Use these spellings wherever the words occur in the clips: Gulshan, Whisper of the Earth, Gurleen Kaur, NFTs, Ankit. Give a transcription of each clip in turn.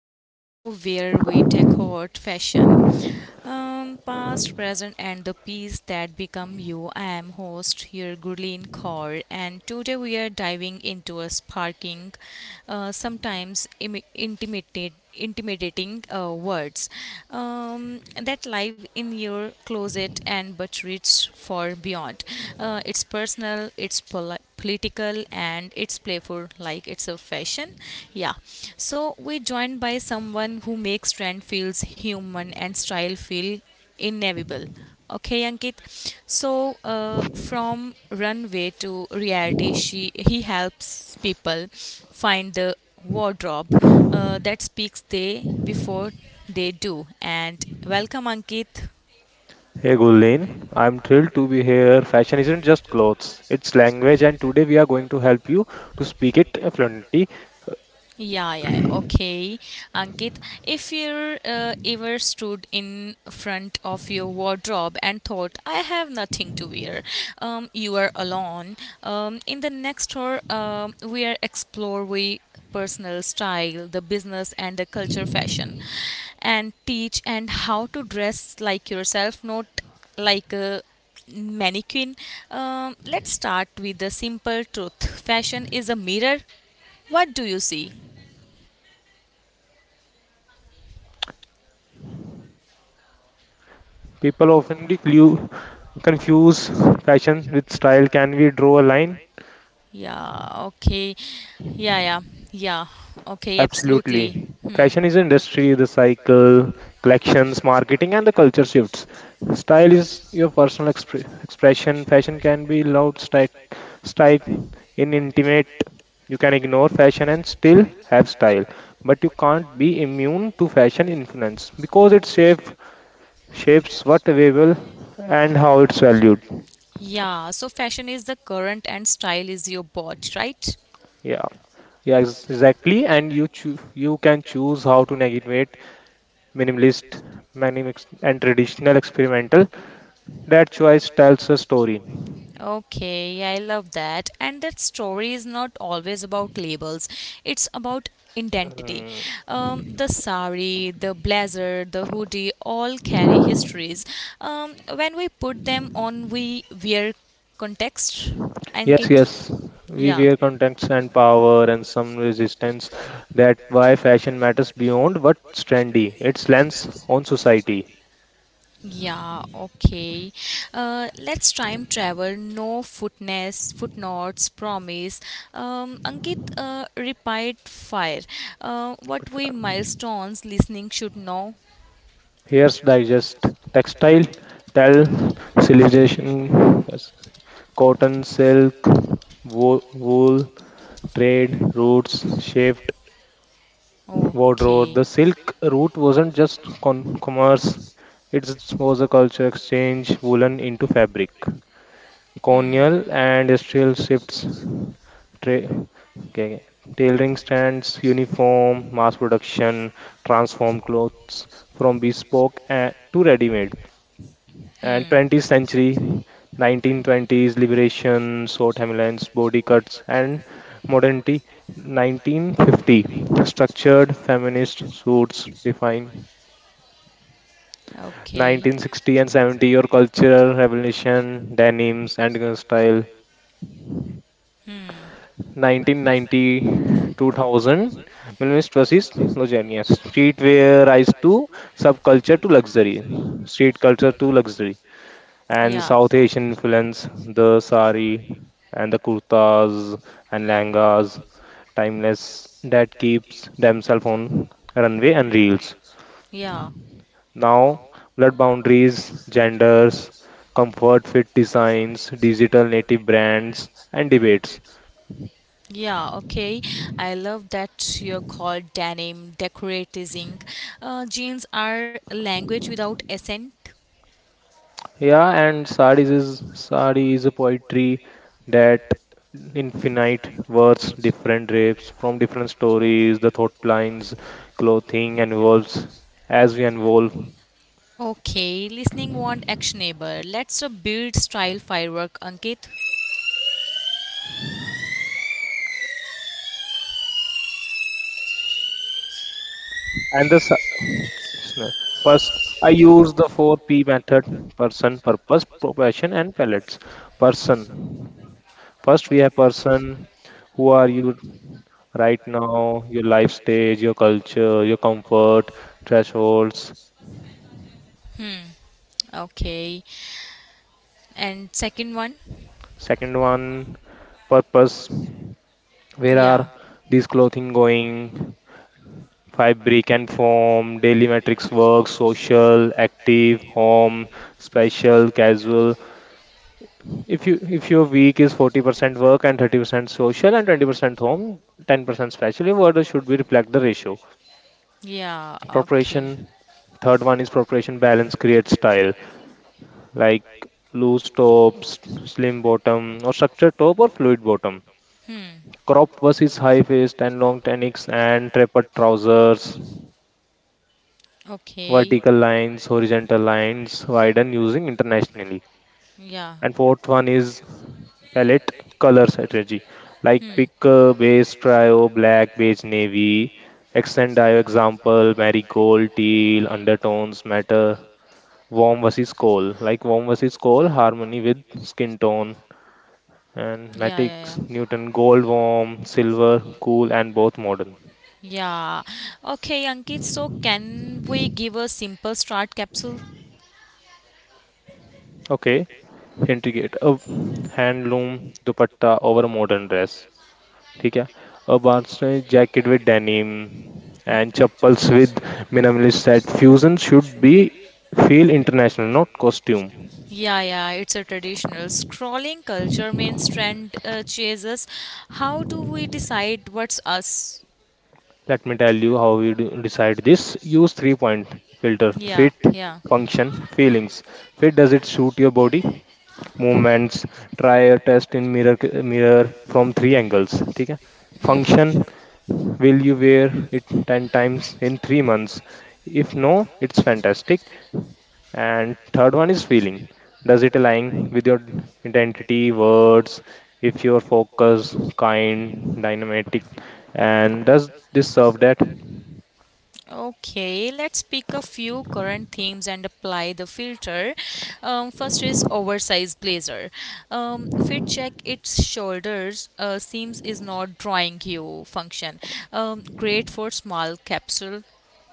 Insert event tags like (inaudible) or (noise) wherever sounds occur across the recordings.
the show where we decode fashion. Past, present, and the piece that become you. I am host here, Gurleen Kaur, and today we are diving into a sparking, sometimes intimidating words that live in your closet and but reach for beyond. It's personal, it's political, and it's playful, like it's a fashion. Yeah. So we're joined by someone who makes trend feels human and style feel inevitable. Okay, Ankit. So, from runway to reality, she he helps people find the wardrobe that speaks they before they do. And welcome, Ankit. Hey Gullin, I'm thrilled to be here. Fashion isn't just clothes, it's language, and today we are going to help you to speak it fluently. Yeah, yeah, okay. Ankit, if you ever stood in front of your wardrobe and thought, I have nothing to wear, you are alone. In the next tour, we are explore we personal style, the business and the culture fashion, and teach and how to dress like yourself, not like a mannequin. Let's start with the simple truth. Fashion is a mirror. What do you see? People often confuse fashion with style. Can we draw a line? Yeah, okay. Yeah, yeah, yeah. Okay, Absolutely. absolutely. Hmm. Fashion is an industry, the cycle, collections, marketing, and the culture shifts. Style is your personal expression. Fashion can be loud, style in intimate. You can ignore fashion and still have style, but you can't be immune to fashion influence because shapes what available and how it's valued. Yeah, so fashion is the current and style is your bot, right? Yeah. Yeah, exactly. And you can choose how to navigate minimalist, minimalist and traditional experimental. That choice tells a story. Okay, I love that. And that story is not always about labels, it's about identity. Mm, The sari, the blazer, the hoodie all carry histories. When we put them on, we wear context and yes, get. yes. Yes, We yeah. wear contacts and power and some resistance. That why fashion matters beyond what's trendy. Its lens on society. Yeah, okay. Let's time travel. No footnotes, promise. Ankit, repeat fire. But, What we uh, milestones listening should know. Here's digest textile, tell, civilization, yes, cotton, silk, wool, trade, routes, shift, Oh, okay. wardrobe. No. The Silk Route wasn't just commerce, it was a culture exchange woolen into fabric. Colonial and industrial shifts, tra- okay, tailoring stands, uniform, mass production, transformed clothes from bespoke to ready made, and Hmm. 20th century 1920s liberation South Hamlin's body cuts and modernity, 1950 structured feminist suits define, Okay. 1960 and 70 your cultural revolution denims and style, Hmm. 1990 2000 minimalist versus logenius streetwear rise to subculture to luxury, street culture to luxury, and Yeah. South Asian influence, the sari and the kurtas and langas, timeless that keeps themselves on runway and reels. Yeah. Now, blood boundaries, genders, comfort fit designs, digital native brands, and debates. Yeah, okay. I love that you're called denim, decoratism. Jeans are a language without accent. Yeah, and Sardis is Sadi is a poetry that infinite words, different rapes from different stories, the thought lines, clothing involves as we involve. Okay, listening want actionable. Let's build style firework, Ankit. And the sa- sna- First, I use the four P method: person, purpose, profession, and pellets. Person. First, we have person. Who are you right now? Your life stage, your culture, your comfort thresholds. Okay, and second one. Second one, purpose. Where Yeah, are these clothing going? Fabric and form, daily matrix work, social, active, home, special, casual. If your week is 40% work and 30% social and 20% home, 10% special, your order should be reflect the ratio. yeah, okay. Preparation. Third one is preparation, balance creates style, like loose tops, slim bottom, or structured top or fluid bottom. Hmm. Crop versus high waist and long tunics and tapered trousers. Okay. Vertical lines, horizontal lines, widen using internationally. Yeah. And fourth one is palette, color strategy. Like pick base trio, black, beige, navy. Accent dye example, marigold, teal, undertones matter. Warm versus cold. Harmony with skin tone. And And yeah, matte. Yeah, matics, yeah, Newton, gold, warm, silver, cool, and both modern. everything. Yeah. Okay, Ankit, so can we give a simple start capsule? Okay integrate अब handloom dupatta over modern dress, ठीक है, अब आपने jacket with denim and chappals with minimalist set, fusion should be feel international not costume. Yeah, yeah, it's a traditional scrolling culture means trend chases. How do we decide what's us? Let me tell you how we do decide this. Use 3 point filter: fit, function, feelings. Fit, does it suit your body? Movements. Try a test in mirror from three angles. ठीक है? Function, will you wear it 10 times in 3 months? If no, it's fantastic. And third one is feeling. Does it align with your identity, words, if you're focused, kind, dynamic, and does this serve that? Okay, let's pick a few current themes and apply the filter. First is oversized blazer. Fit check its shoulders seams is not drawing you function. Great for small capsule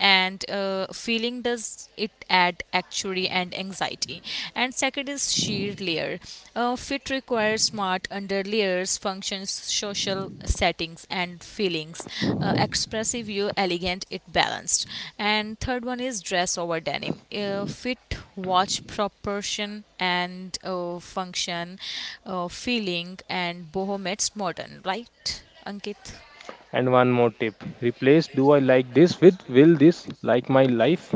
and feeling does it add actually and anxiety and second is sheer layer fit requires smart under layers functions social settings and feelings expressive you elegant it balanced and third one is dress over denim fit watch proportion and function feeling and boho meets modern, right, Ankit? And one more tip, replace "do I like this" with "will this like my life?"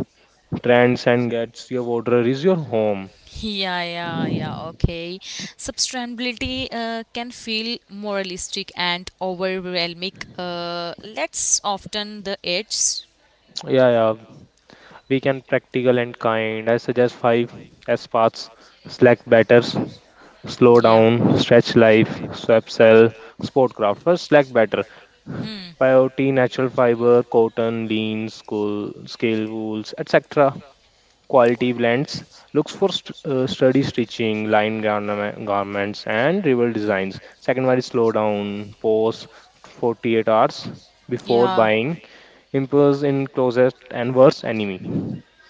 Trends and gets your water is your home. Yeah, yeah, yeah, okay. Sustainability can feel moralistic and overwhelming. Let's often the edge. Yeah, yeah. We can practical and kind. I suggest five S paths: Slack batters, slow Yeah. down, stretch life, swap cell, sport craft. First, Slack batter. Peyote, natural fiber, cotton, lean, school, scale wools, etc. Quality blends. Looks for sturdy stitching, garments, and rival designs. Second one is slow down, pause 48 hours before Yeah. buying. Impulse in closet and worst enemy.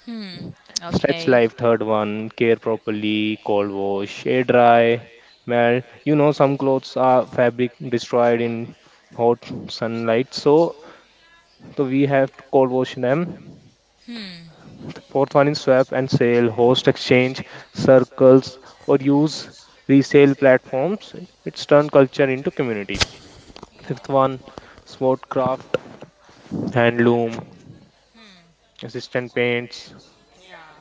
Hmm. Stretch Okay. life, third one, care properly, cold wash, air dry, melt. You know, some clothes are fabric destroyed in hot sunlight, so we have Cold Ocean M. Hmm. Fourth one is swap and sale, host exchange, circles, or use resale platforms. It's turned culture into community. Yeah. Fifth one, smart craft, handloom, assistant paints, Yeah.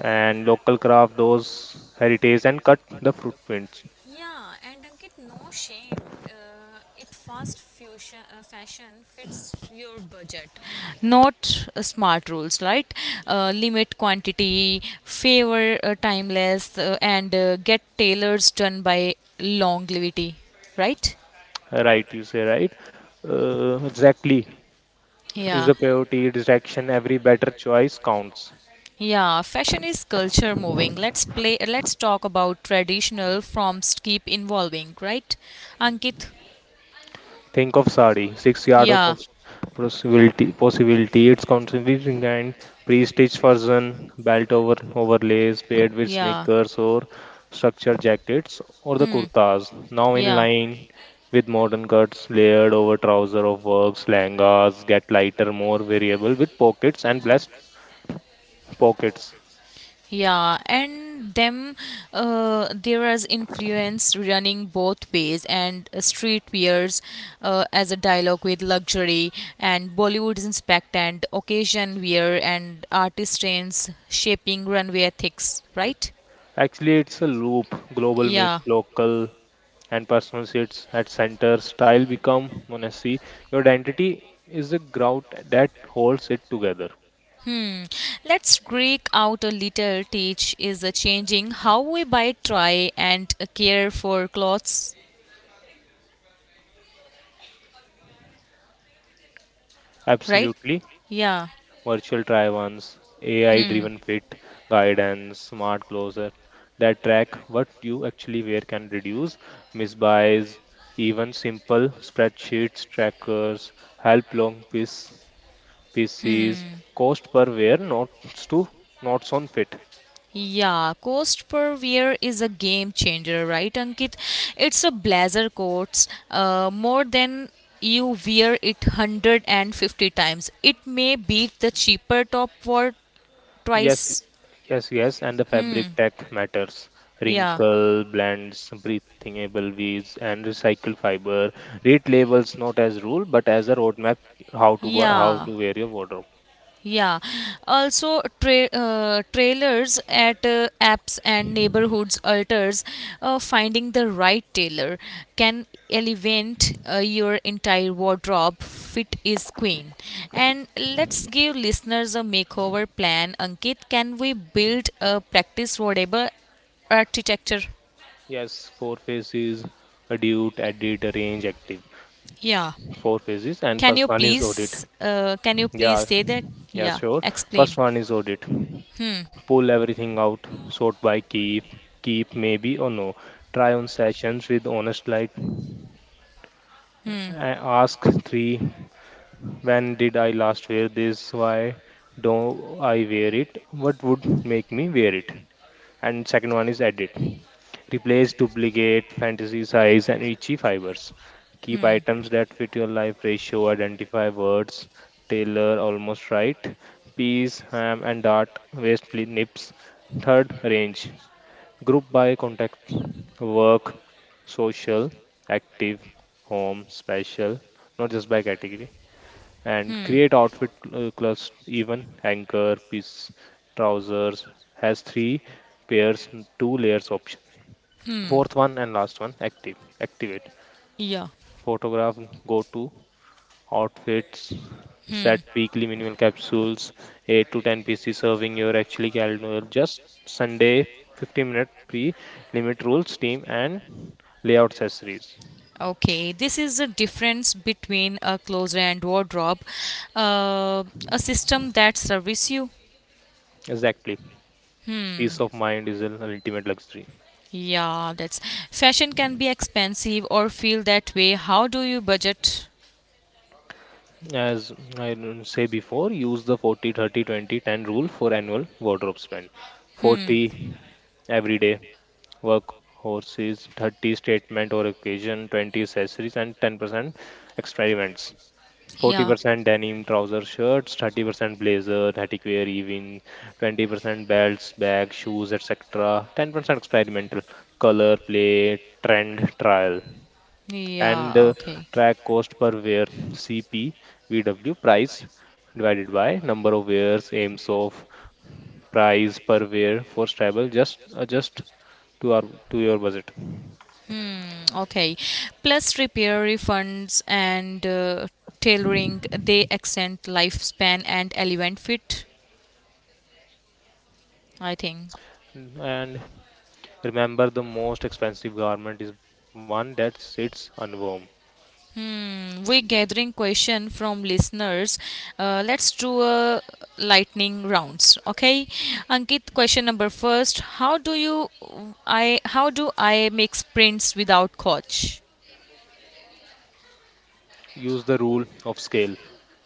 and local craft, those heritage and cut the footprints. Yeah, and Ankit, no shame. It fast fusion, fashion fits your budget, not smart rules, right? Limit quantity, favor timeless, and get tailors done by longevity, right? Right, you say right. Exactly is Yeah, the priority, distraction, every better choice counts. yeah. Fashion is culture moving. Let's play. Let's talk about traditional forms. Keep evolving, right, Ankit? Think of sari, 6 yard of possibility. Possibility. It's constantly and pre-stitched version, belt over overlays paired with sneakers or structured jackets or the kurtas. Now in Yeah. line with modern cuts layered over trouser of works, langas get lighter, more variable with pockets and blessed pockets. Yeah, and them there is influence running both ways, and street wears as a dialogue with luxury, and Bollywood's inspect and occasion wear, and artist trends shaping runway ethics, right? Actually, it's a loop. Global meets Yeah. local and personal sits at center. Style become monacy. Your identity is the grout that holds it together. Let's break out a little. Teach is changing how we buy, try, and care for clothes, right? Absolutely. Yeah. Virtual try ons, AI driven fit, guidance, smart closer that track what you actually wear can reduce misbuys, even simple spreadsheets, trackers, help pieces, cost per wear, notes on fit. Yeah, cost per wear is a game changer, right, Ankit? It's a blazer coats more than you wear it 150 times. It may beat the cheaper top for Yes, twice. yes, yes, and the fabric tech matters. Yeah, Wrinkle, blends, breathable weaves, and recycled fiber. Read labels not as rule, but as a roadmap, how yeah. to wear your wardrobe. Yeah, also trailers at apps and neighborhoods alters, finding the right tailor can elevate your entire wardrobe. Fit is queen. And let's give listeners a makeover plan. Ankit, can we build a practice whatever architecture? Yes, four phases: adute, edit, arrange, active. Yeah. Four phases, and Can you first one is audit. please? Can you please Yeah, say that? yeah, Yeah. sure. Explain. First one is audit. Hmm. Pull everything out, sort by keep, maybe or no. Try on sessions with honest light. Hmm. I ask three: when did I last wear this? Why don't I wear it? What would make me wear it? And second one is edit. Replace duplicate, fantasy size, and itchy fibers. Keep items that fit your life ratio, identify words, tailor almost right, peas, ham, and dart, waist nips. Third, range. Group by contact: work, social, active, home, special, not just by category. And Hmm. create outfit class, even anchor, piece, trousers has three pairs, two layers option. Hmm. Fourth one and last one, active. Activate. Yeah. Photograph go to outfits, set weekly minimal capsules, 8 to 10 pieces serving your actually calendar, just Sunday 15 minute pre limit rules, team, and layout accessories. Okay, this is the difference between a closet and wardrobe, a system that serves you. Exactly. Peace of mind is an ultimate luxury. Yeah, that's fashion can be expensive or feel that way. How do you budget? As say before, use the 40, 30, 20, 10 rule for annual wardrobe spend. Hmm. 40 every day work horses, 30 statement or occasion, 20 accessories, and 10% extra events. Yeah. 40% denim trouser shirts, 30% blazer, reticwear even, 20% belts, bags, shoes, etc. 10% experimental, color, play, trend, trial. And Yeah. Okay. track cost per wear, CP, price divided by number of wears, aims of price per wear for stable, just adjust to our to your budget. Hmm, okay. Plus repair refunds and tailoring, they extend lifespan and elevate fit, I think. And remember, the most expensive garment is one that sits unworn. Hmm, we're gathering question from listeners. Let's do a lightning rounds, okay? Ankit, question number first. How do I make sprints without coach? Use the rule of scale,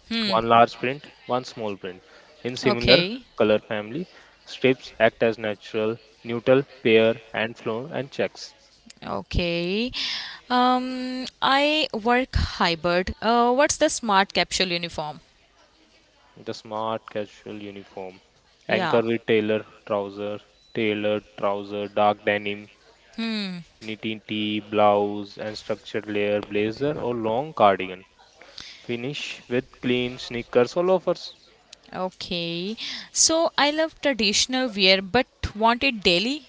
Hmm, one large print, one small print. In similar okay. color family, strips act as natural, neutral, pair, and flow and checks. Okay. I work hybrid. What's the smart capsule uniform? The smart casual uniform. Anchor Yeah. with tailored trouser, dark denim, Hmm. knitting tee, blouse, and structured layer blazer or long cardigan. Finish with clean sneakers or loafers. Okay. So I love traditional wear, but want it daily.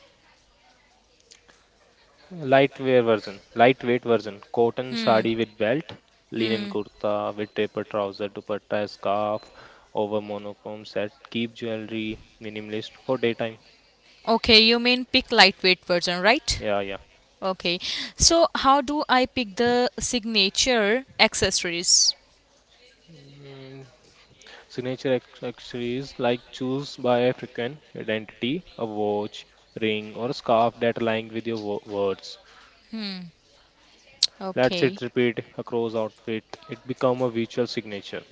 Lightweight version, cotton Hmm. sari with belt, linen Hmm. kurta with taper trouser, dupatta, scarf over monochrome set, keep jewelry minimalist for daytime. Okay. You mean pick lightweight version, right? Yeah, yeah. Okay. So how do I pick the signature accessories? Mm, signature accessories, like choose by African identity, a watch, ring, or a scarf that align with your words. Let's it Okay. repeat across outfit. It become a visual signature.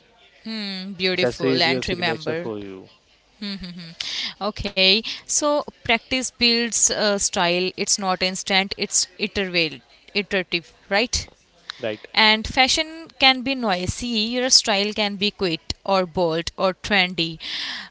Hmm, beautiful. Accessory is your And signature remember. for you, Okay, so practice builds style. It's not instant. It's iterative, right? right? And fashion can be noisy. Your style can be quick or bold or trendy,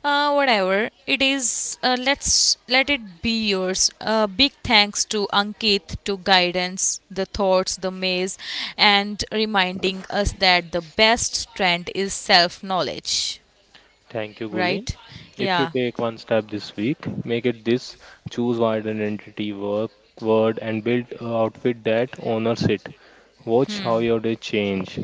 whatever it is. Let's let it be yours. Big thanks to Ankit to guidance, the thoughts, the maze, and reminding us that the best trend is self knowledge, Thank you, Gulin. right? If you Yeah. take one step this week, make it this: choose wide identity work word and build an outfit that honors it. Watch how your day change.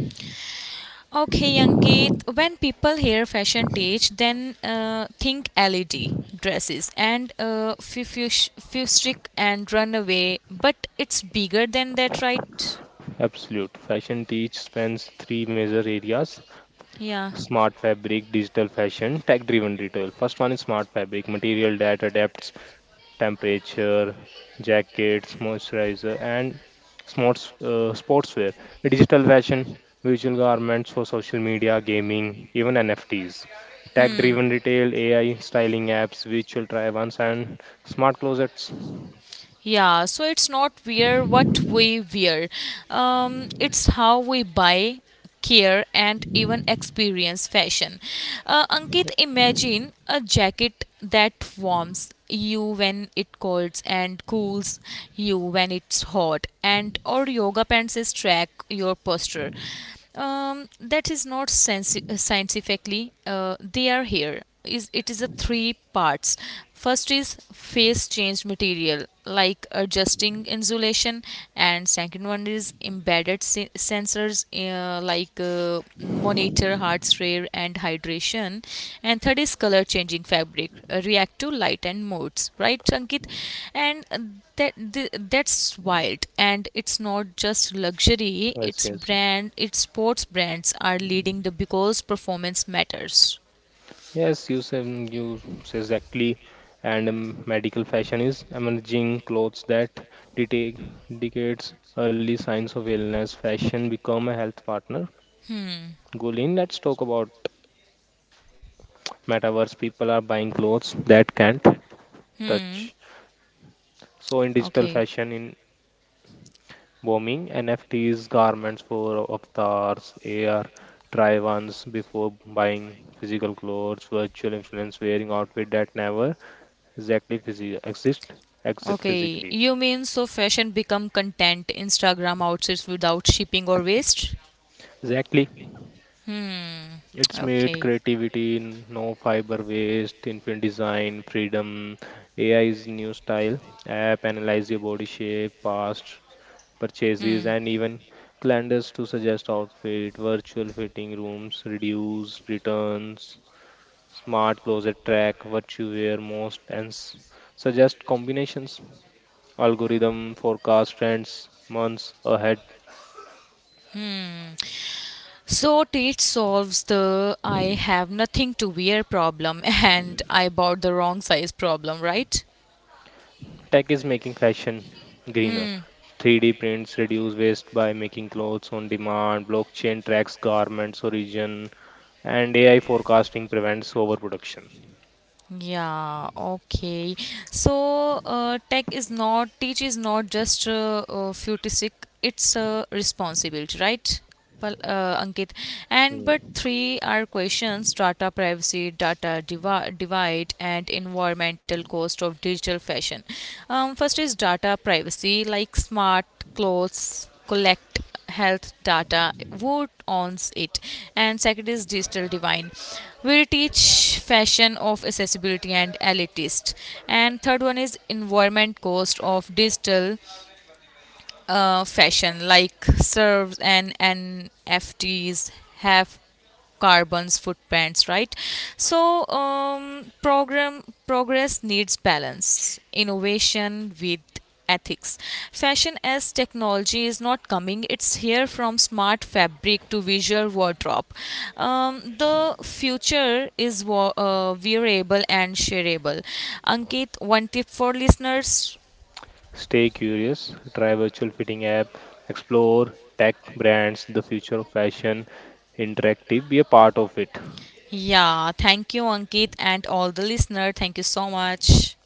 Okay, Ankit, when people hear fashion teach, then think LED dresses and fustric and runaway, but it's bigger than that, right? Absolute fashion teach spans three major areas: Yeah. smart fabric, digital fashion, tech-driven retail. First one is smart fabric, material that adapts temperature, jackets, moisturizer, and sportswear, digital fashion, visual garments for social media, gaming, even NFTs, tech driven retail, AI, styling apps, virtual try ons, and smart closets. Yeah, so it's not wear what we wear. It's how we buy, care, and even experience fashion. Ankit, imagine a jacket that warms you when it colds and cools you when it's hot, and or yoga pants is track your posture that is not scientifically they are here is it is a three parts first is phase change material like adjusting insulation and second one is embedded sensors like monitor heart's rare and hydration. And third is color changing fabric, react to light and modes, right, Ankit? And that's wild. And it's not just luxury; Yes, it's yes, brand, its sports brands are leading the because performance matters. yes. You say exactly, and medical fashion is emerging clothes that detect decades early signs of illness. Fashion become a health partner. Hmm. Gulin, let's talk about metaverse, people are buying clothes that can't Hmm. touch, so in digital Okay. fashion in booming, NFTs garments for avatars, ar try once before buying physical clothes, virtual influence wearing outfit that never exist, exist Okay, physically. you mean so fashion become content Instagram outfits without shipping or waste? Exactly, Hmm. it's made Okay. creativity in no fiber waste, infinite design freedom. AI is new style, app analyze your body shape, past purchases, Hmm. and even calendars to suggest outfit, virtual fitting rooms, reduce returns, smart closet track what you wear most, and suggest combinations, algorithm, forecast trends months ahead. Hmm. So it solves the I have nothing to wear problem (laughs) and I bought the wrong size problem, right? Tech is making fashion greener. Hmm. 3D prints reduce waste by making clothes on demand, blockchain tracks garments origin, and AI forecasting prevents overproduction. Yeah, okay. So, tech is not, teach is not just futuristic, it's a responsibility, right? Ankit, and but Hmm. three are questions: data privacy, divide, and environmental cost of digital fashion. First is data privacy, like smart clothes collect health data who owns it and second is digital divine will teach fashion of accessibility and elitist and third one is environment cost of digital fashion like serves and NFTs have carbon's footprints right so program progress needs balance innovation with ethics fashion as technology is not coming it's here from smart fabric to visual wardrobe the future is wearable and shareable ankit one tip for listeners. Stay curious, try virtual fitting app, explore tech brands, the future of fashion, interactive, be a part of it. Yeah, thank you, Ankit, and all the listener. Thank you so much.